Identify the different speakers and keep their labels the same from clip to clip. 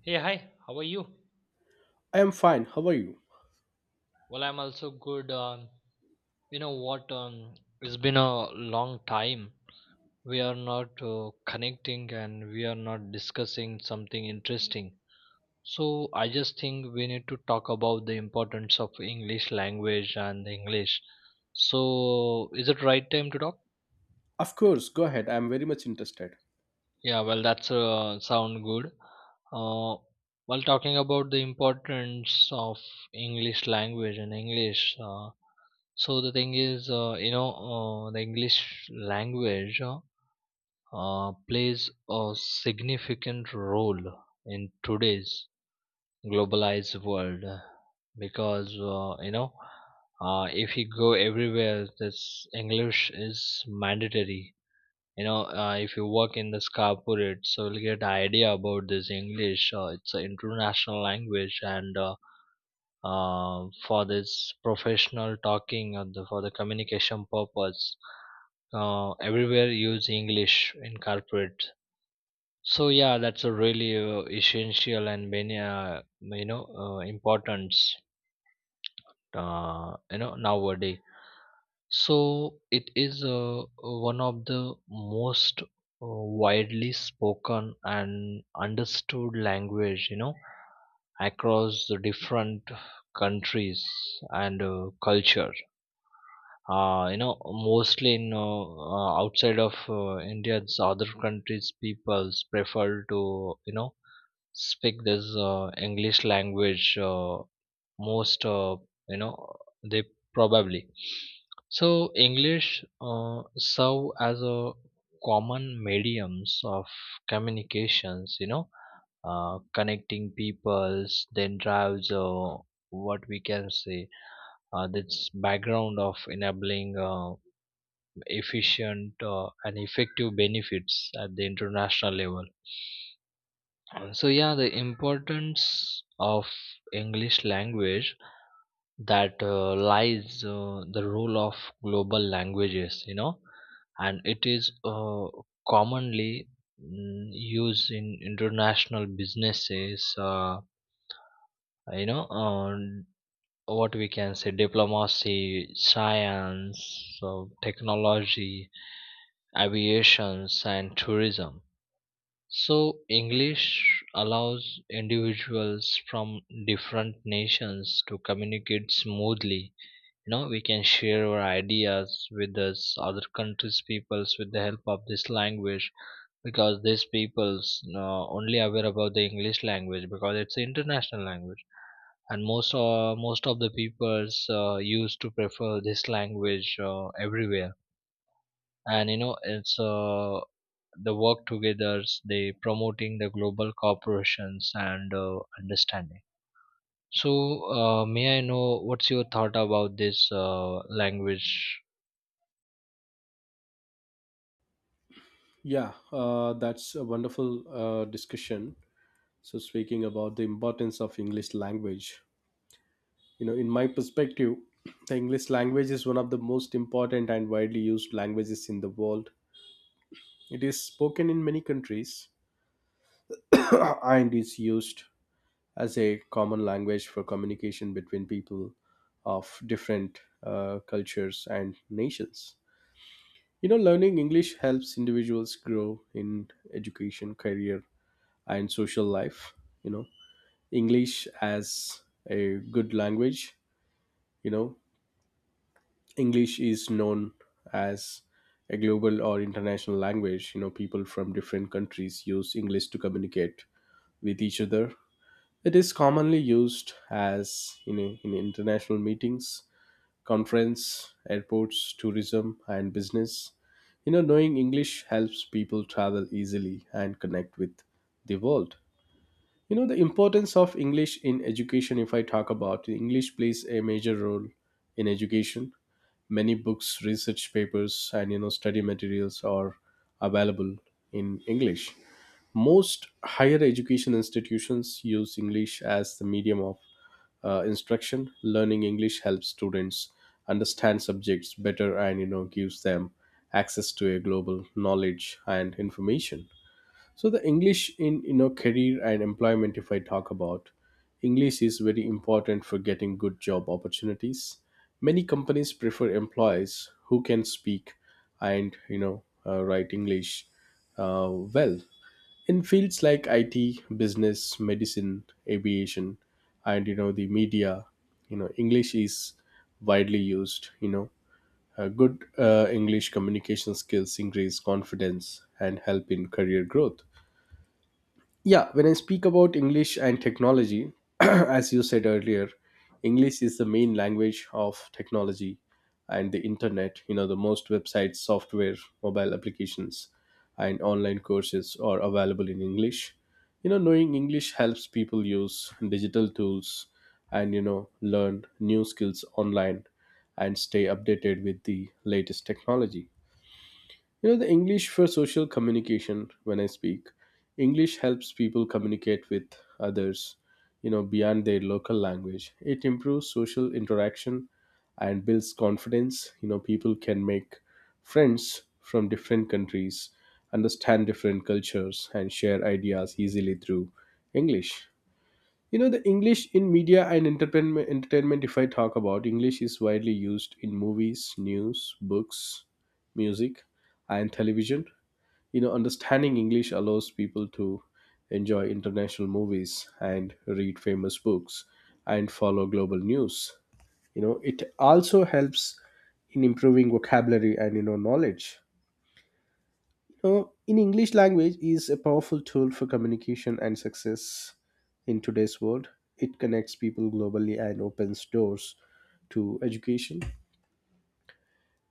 Speaker 1: Hey, hi, how are you?
Speaker 2: I am fine. How are you?
Speaker 1: Well, I'm also good. You know what? It's been a long time. We are not connecting, and we are not discussing something interesting. So, I just think we need to talk about the importance of English language and English. So, is it right time to talk?
Speaker 2: Of course, go ahead. I am very much interested.
Speaker 1: Yeah, well, that's sound good. Uh, while talking about the importance of English language and English, so the thing is, the English language plays a significant role in today's globalized world, because if you go everywhere, this English is mandatory. If you work in this corporate, so you'll get idea about this English. It's an international language, and for this professional talking or the, for the communication purpose, everywhere use English in corporate. So yeah, that's a really essential and many importance nowadays. So it is one of the most widely spoken and understood language, across the different countries and culture, mostly in outside of India's other countries peoples prefer to speak this English language, most, you know they probably. So English serve as a common mediums of communications, connecting peoples, then drives what we can say, this background of enabling efficient and effective benefits at the international level. So yeah, the importance of English language that lies the role of global languages, and it is commonly used in international businesses. On what we can say, diplomacy, science, so technology, aviations, and tourism. So English allows individuals from different nations to communicate smoothly. We can share our ideas with this other countries peoples with the help of this language, because these peoples only aware about the English language, because it's an international language. And most of the peoples used to prefer this language everywhere. And it's, the work together they promoting the global corporations and understanding. So may I know what's your thought about this language?
Speaker 2: Yeah, that's a wonderful discussion. So, speaking about the importance of English language, you know, in my perspective, the English language is one of the most important and widely used languages in the world. It is spoken in many countries and is used as a common language for communication between people of different cultures and nations. You know, learning English helps individuals grow in education, career, and social life. You know, English as a good language, you know, English is known as a global or international language. You know, people from different countries use English to communicate with each other. It is commonly used as in international meetings, conference, airports, tourism, and business. You know, knowing English helps people travel easily and connect with the world. You know, the importance of English in education, if I talk about English, plays a major role in education. Many books, research papers, and, you know, study materials are available in English. Most higher education institutions use English as the medium of instruction. Learning English helps students understand subjects better and, you know, gives them access to a global knowledge and information. So the English in, you know, career and employment, if I talk about, English is very important for getting good job opportunities. Many companies prefer employees who can speak and, you know, write English well in fields like IT, business, medicine, aviation, and, you know, the media, you know, English is widely used. You know, good English communication skills increase confidence and help in career growth. Yeah, when I speak about English and technology, as you said earlier, English is the main language of technology and the internet. You know, the most websites, software, mobile applications, and online courses are available in English. You know, knowing English helps people use digital tools and, you know, learn new skills online and stay updated with the latest technology. You know, the English for social communication, when I speak, English helps people communicate with others, you know, beyond their local language. It improves social interaction and builds confidence. You know, people can make friends from different countries, understand different cultures, and share ideas easily through English. You know, the English in media and entertainment, entertainment, if I talk about, English is widely used in movies, news, books, music, and television. You know, understanding English allows people to enjoy international movies and read famous books and follow global news. You know, it also helps in improving vocabulary and, you know, knowledge. In English language is a powerful tool for communication and success in today's world. It connects people globally and opens doors to education.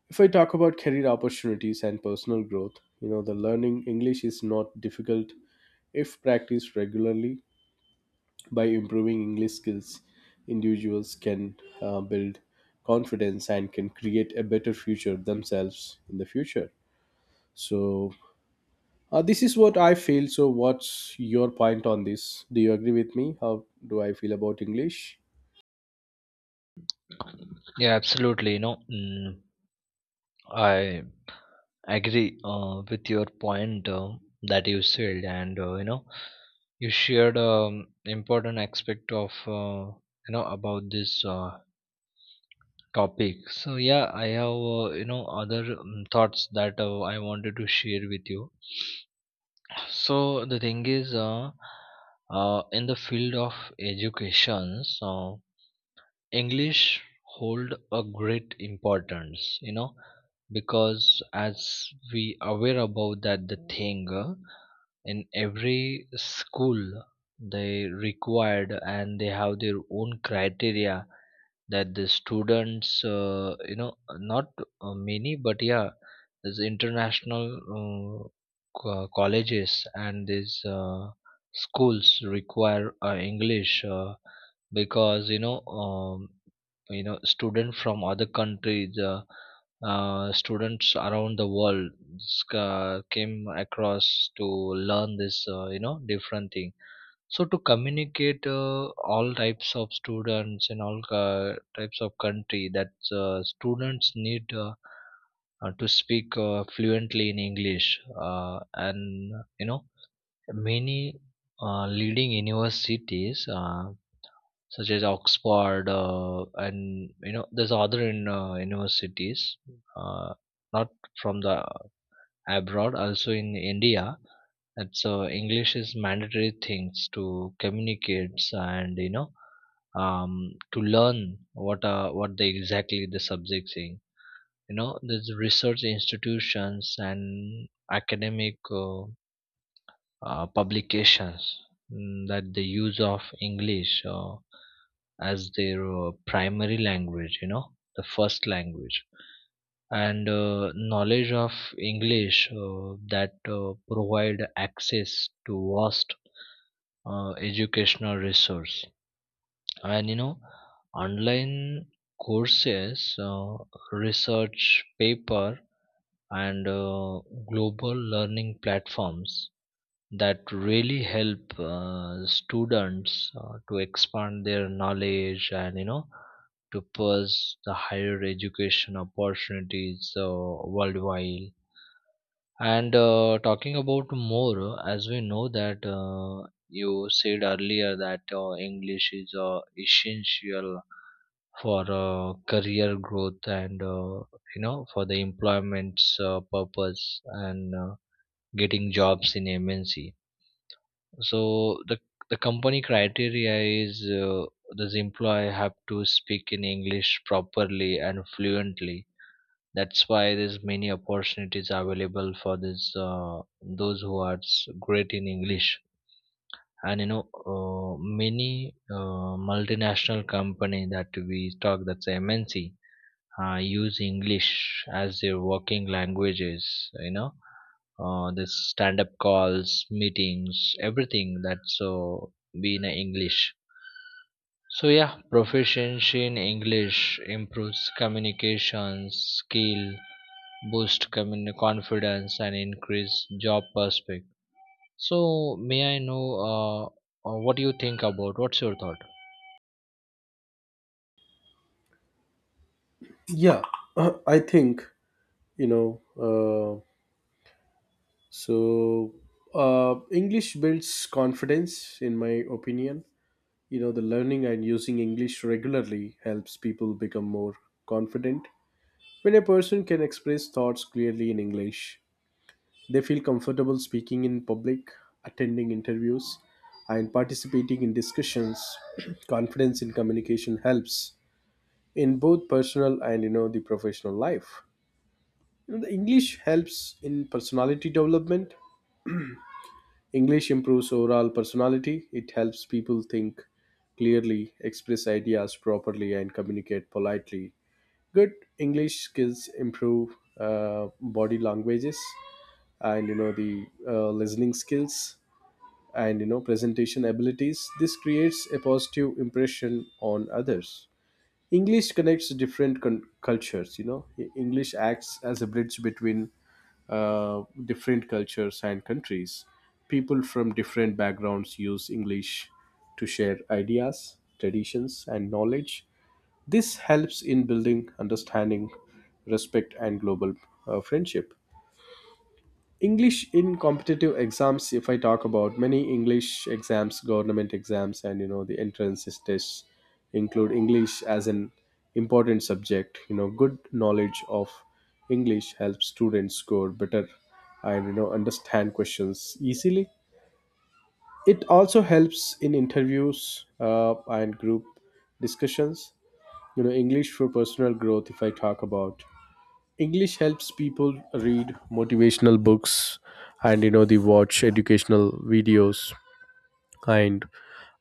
Speaker 2: If I talk about career opportunities and personal growth, you know, the learning English is not difficult if practiced regularly. By improving English skills, individuals can build confidence and can create a better future themselves in the future. So, this is what I feel. So, what's your point on this? Do you agree with me? How do I feel about English?
Speaker 1: Yeah, absolutely. I agree with your point that you said, and you shared important aspect of, about this topic. So yeah, I have other thoughts that I wanted to share with you. So the thing is, in the field of education, so English hold a great importance. Because as we aware about that the thing, in every school they required and they have their own criteria that the students, not many, but yeah, there's international uh, colleges, and these schools require English, because student from other countries, students around the world came across to learn this, different thing. So to communicate all types of students in all types of country, that students need to speak fluently in English, and you know many leading universities such as Oxford, and there's other in universities, uh, not from the abroad, also in India. And so English is mandatory things to communicate, and um to learn what, what the exactly the subject saying. There's research institutions and academic uh, publications that they use of English as their primary language, the first language. And knowledge of English, uh, that provide access to vast educational resource, and online courses, research paper, and global learning platforms that really help students to expand their knowledge, and to pursue the higher education opportunities worldwide. And talking about more, as we know that you said earlier that English is essential for career growth, and for the employment's purpose, and getting jobs in MNC. So the company criteria is, does employee have to speak in English properly and fluently. That's why there's many opportunities available for this, those who are great in English. And uh, many multinational company that we talk, that's MNC, use English as their working languages, you know this stand-up calls, meetings, everything that's so be in English. So yeah, proficiency in English improves communication skill, boost community confidence, and increase job prospect. So may I know what do you think about? What's your thought?
Speaker 2: Yeah, I think, you know, so English builds confidence, in my opinion. You know, the learning and using English regularly helps people become more confident. When a person can express thoughts clearly in English, they feel comfortable speaking in public, attending interviews, and participating in discussions. Confidence in communication helps in both personal and, you know, the professional life. You know, the English helps in personality development. English improves overall personality. It helps people think clearly, express ideas properly, and communicate politely. Good English skills improve body languages and, you know, the listening skills and, you know, presentation abilities. This creates a positive impression on others. English connects different cultures. You know, English acts as a bridge between different cultures and countries. People from different backgrounds use English to share ideas, traditions, and knowledge. This helps in building understanding, respect, and global friendship. English in competitive exams, if I talk about, many English exams, government exams, and, you know, the entrance tests include English as an important subject. You know, good knowledge of English helps students score better and, you know, understand questions easily. It also helps in interviews and group discussions. You know, English for personal growth. If I talk about, English helps people read motivational books and, you know, they watch educational videos and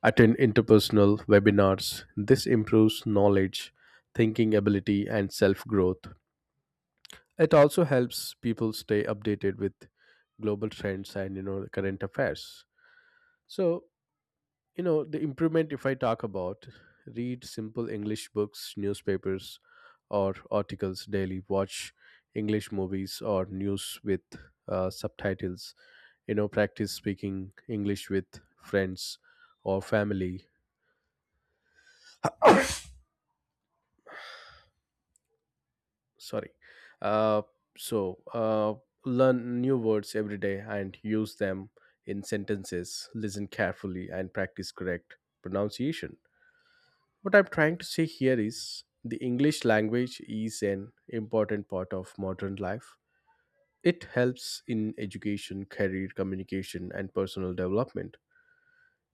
Speaker 2: attend interpersonal webinars. This improves knowledge, thinking ability, and self-growth. It also helps people stay updated with global trends and, you know, current affairs. So, you know, the improvement, if I talk about, read simple English books, newspapers, or articles daily, watch English movies or news with subtitles, you know, practice speaking English with friends or family. Sorry. Uh, so, uh, learn new words every day and use them in sentences, listen carefully, and practice correct pronunciation. What I'm trying to say here is the English language is an important part of modern life. It helps in education, career, communication, and personal development.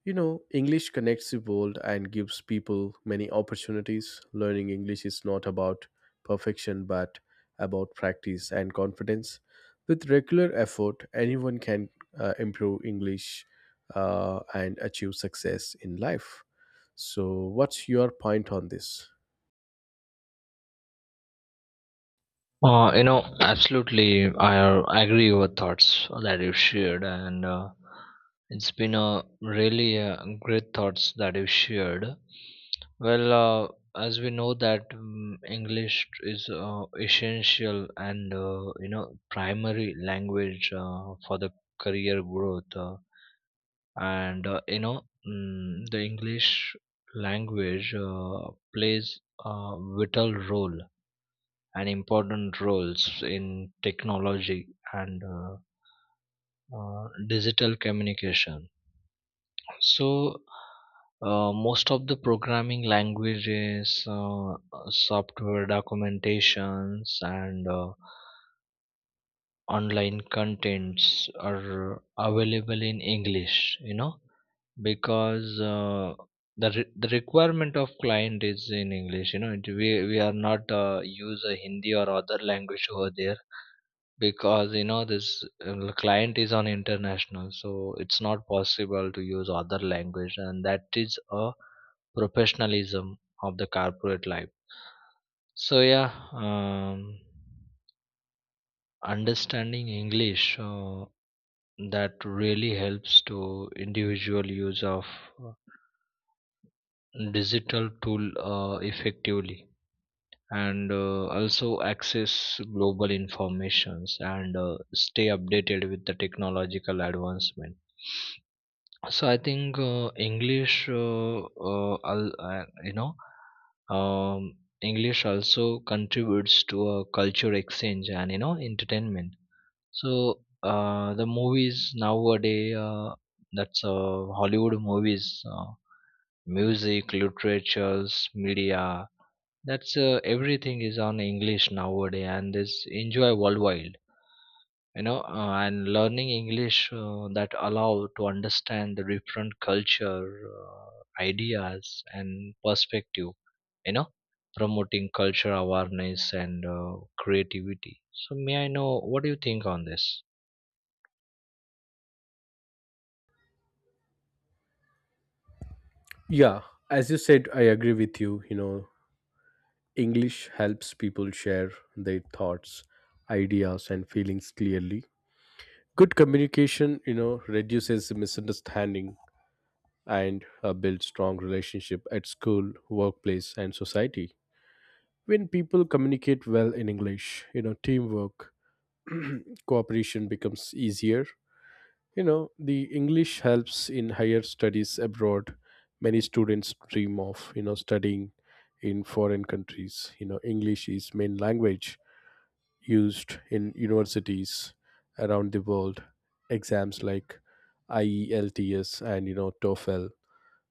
Speaker 2: You know, English connects the world and gives people many opportunities. Learning English is not about perfection but about practice and confidence. With regular effort, anyone can improve English and achieve success in life. So, what's your point on this?
Speaker 1: Absolutely, I agree with thoughts that you shared, and it's been a really great thoughts that you shared. Well, as we know that English is essential and, primary language for the career growth. And the English language plays a vital role and important roles in technology and digital communication. So most of the programming languages, software documentations, and online contents are available in English, because the requirement of client is in English. You know it, we we are not use a Hindi or other language over there, because this client is on international, so it's not possible to use other language, and that is a professionalism of the corporate life. So yeah, um, understanding English that really helps to individual use of uh, digital tool effectively, and also access global informations, and stay updated with the technological advancement. So I think English, um, English also contributes to a culture exchange and, entertainment. So the movies nowadays, that's Hollywood movies, music, literatures, media. That's everything is on English nowadays, and is enjoy worldwide. And learning English that allow to understand the different culture, uh, ideas, and perspective, you know promoting culture awareness and creativity. So may I know, what do you think on this?
Speaker 2: Yeah, as you said, I agree with you. You know, English helps people share their thoughts, ideas, and feelings clearly. Good communication, you know, reduces misunderstanding and builds strong relationship at school, workplace, and society. When people communicate well in English, you know, teamwork, cooperation becomes easier. You know, the English helps in higher studies abroad. Many students dream of, you know, studying in foreign countries. You know, English is main language used in universities around the world. Exams like IELTS and, you know, TOEFL,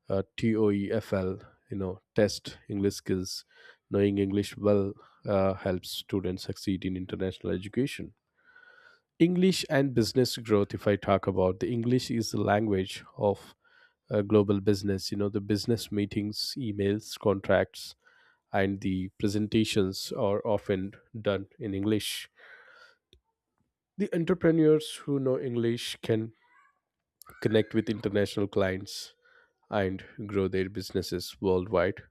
Speaker 2: uh, TOEFL, you know, test English skills. Knowing English well helps students succeed in international education. English and business growth, if I talk about, the English is the language of global business. You know, the business meetings, emails, contracts, and the presentations are often done in English. The entrepreneurs who know English can connect with international clients and grow their businesses worldwide.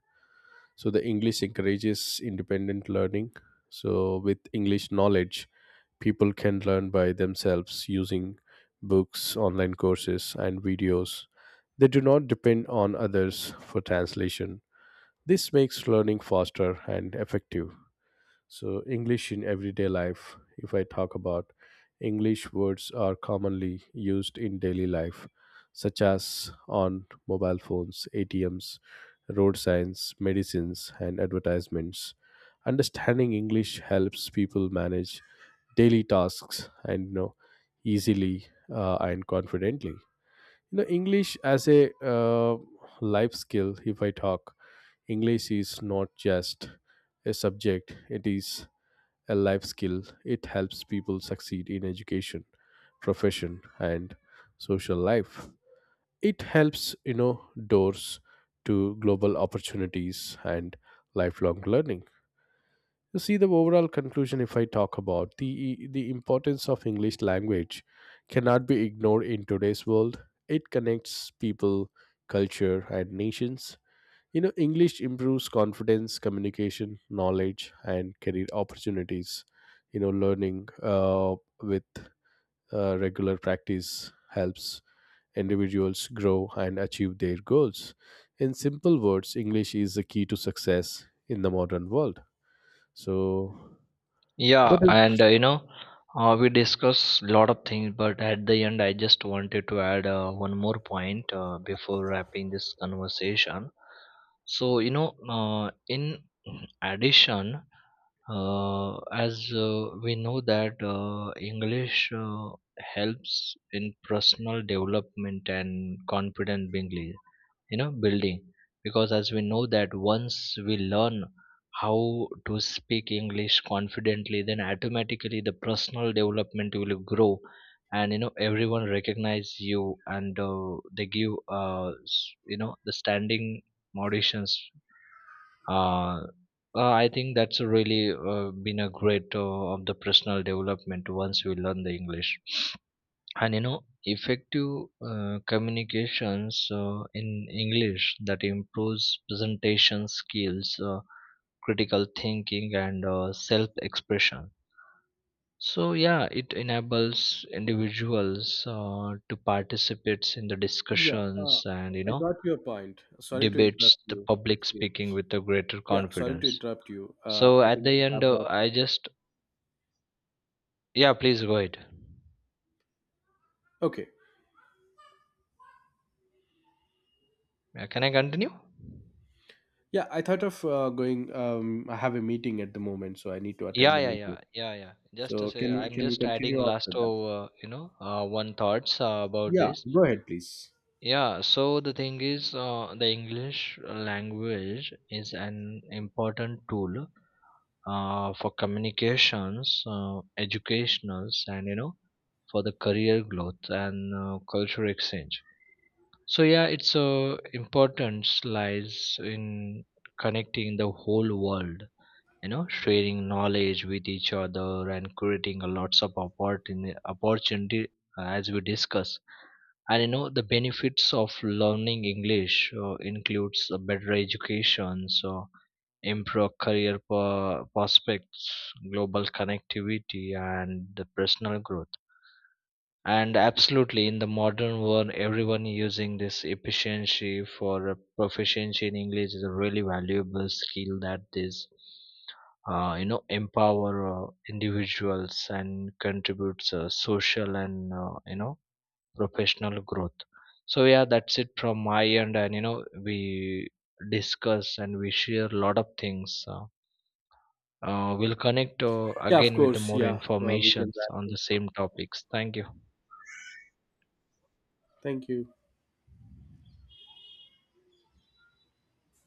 Speaker 2: So the English encourages independent learning. So with English knowledge, people can learn by themselves using books, online courses, and videos. They do not depend on others for translation. This makes learning faster and effective. So, English in everyday life, if I talk about, English words are commonly used in daily life, such as on mobile phones, ATMs, road signs, medicines, and advertisements. Understanding English helps people manage daily tasks and, you know, easily and confidently. You know, English as a life skill. If I talk, English is not just a subject; it is a life skill. It helps people succeed in education, profession, and social life. It helps, you know, doors to global opportunities and lifelong learning. You see the overall conclusion, if I talk about, the importance of English language cannot be ignored in today's world. It connects people, culture, and nations. You know, English improves confidence, communication, knowledge, and career opportunities. You know, learning with regular practice helps individuals grow and achieve their goals. In simple words, English is the key to success in the modern world. So, what
Speaker 1: Yeah,
Speaker 2: is.
Speaker 1: and we discussed a lot of things, but at the end, I just wanted to add one more point before wrapping this conversation. So, in addition, as we know that English helps in personal development and confidence building, because as we know that, once we learn how to speak English confidently, then automatically the personal development will grow. And everyone recognize you, and they give, the standing auditions. uh, I think that's really been a great of the personal development once we learn the English. And effective communications in English, that improves presentation skills, critical thinking, and self expression. So yeah, it enables individuals to participate in the
Speaker 2: Yeah,
Speaker 1: discussions, and
Speaker 2: I got your point. Sorry to
Speaker 1: debates,
Speaker 2: interrupt
Speaker 1: the
Speaker 2: you, it
Speaker 1: public speaking
Speaker 2: seems.
Speaker 1: with a greater
Speaker 2: Yeah, sorry to
Speaker 1: confidence.
Speaker 2: interrupt you.
Speaker 1: So
Speaker 2: I
Speaker 1: at
Speaker 2: think
Speaker 1: the
Speaker 2: I
Speaker 1: end
Speaker 2: have got.
Speaker 1: I just, yeah, please go ahead.
Speaker 2: Okay.
Speaker 1: Can I continue?
Speaker 2: Yeah, I thought of going. I have a meeting at the moment, so I need to attend
Speaker 1: Yeah,
Speaker 2: the
Speaker 1: yeah,
Speaker 2: meeting.
Speaker 1: yeah, yeah, yeah. Just to
Speaker 2: So
Speaker 1: say,
Speaker 2: can we
Speaker 1: I'm
Speaker 2: can we
Speaker 1: just adding
Speaker 2: continue after
Speaker 1: last
Speaker 2: that?
Speaker 1: over, one thoughts about
Speaker 2: Yeah,
Speaker 1: this.
Speaker 2: go ahead, please.
Speaker 1: Yeah, so the thing is, the English language is an important tool for communications, educationals, and, for the career growth, and cultural exchange. So yeah, its importance lies in connecting the whole world, sharing knowledge with each other, and creating a lots of opportunity, as we discuss. And the benefits of learning English includes a better education, so improve career prospects, global connectivity, and the personal growth. And absolutely, in the modern world, everyone using this efficiency for a proficiency in English is a really valuable skill, that is empower individuals, and contributes social and, professional growth. So yeah, that's it from my end, and we discuss and we share a lot of things. We'll connect
Speaker 2: Yeah, of
Speaker 1: again with the
Speaker 2: course.
Speaker 1: more
Speaker 2: Yeah, we can
Speaker 1: informations
Speaker 2: wrap
Speaker 1: on the
Speaker 2: it.
Speaker 1: same topics. Thank you.
Speaker 2: Thank you.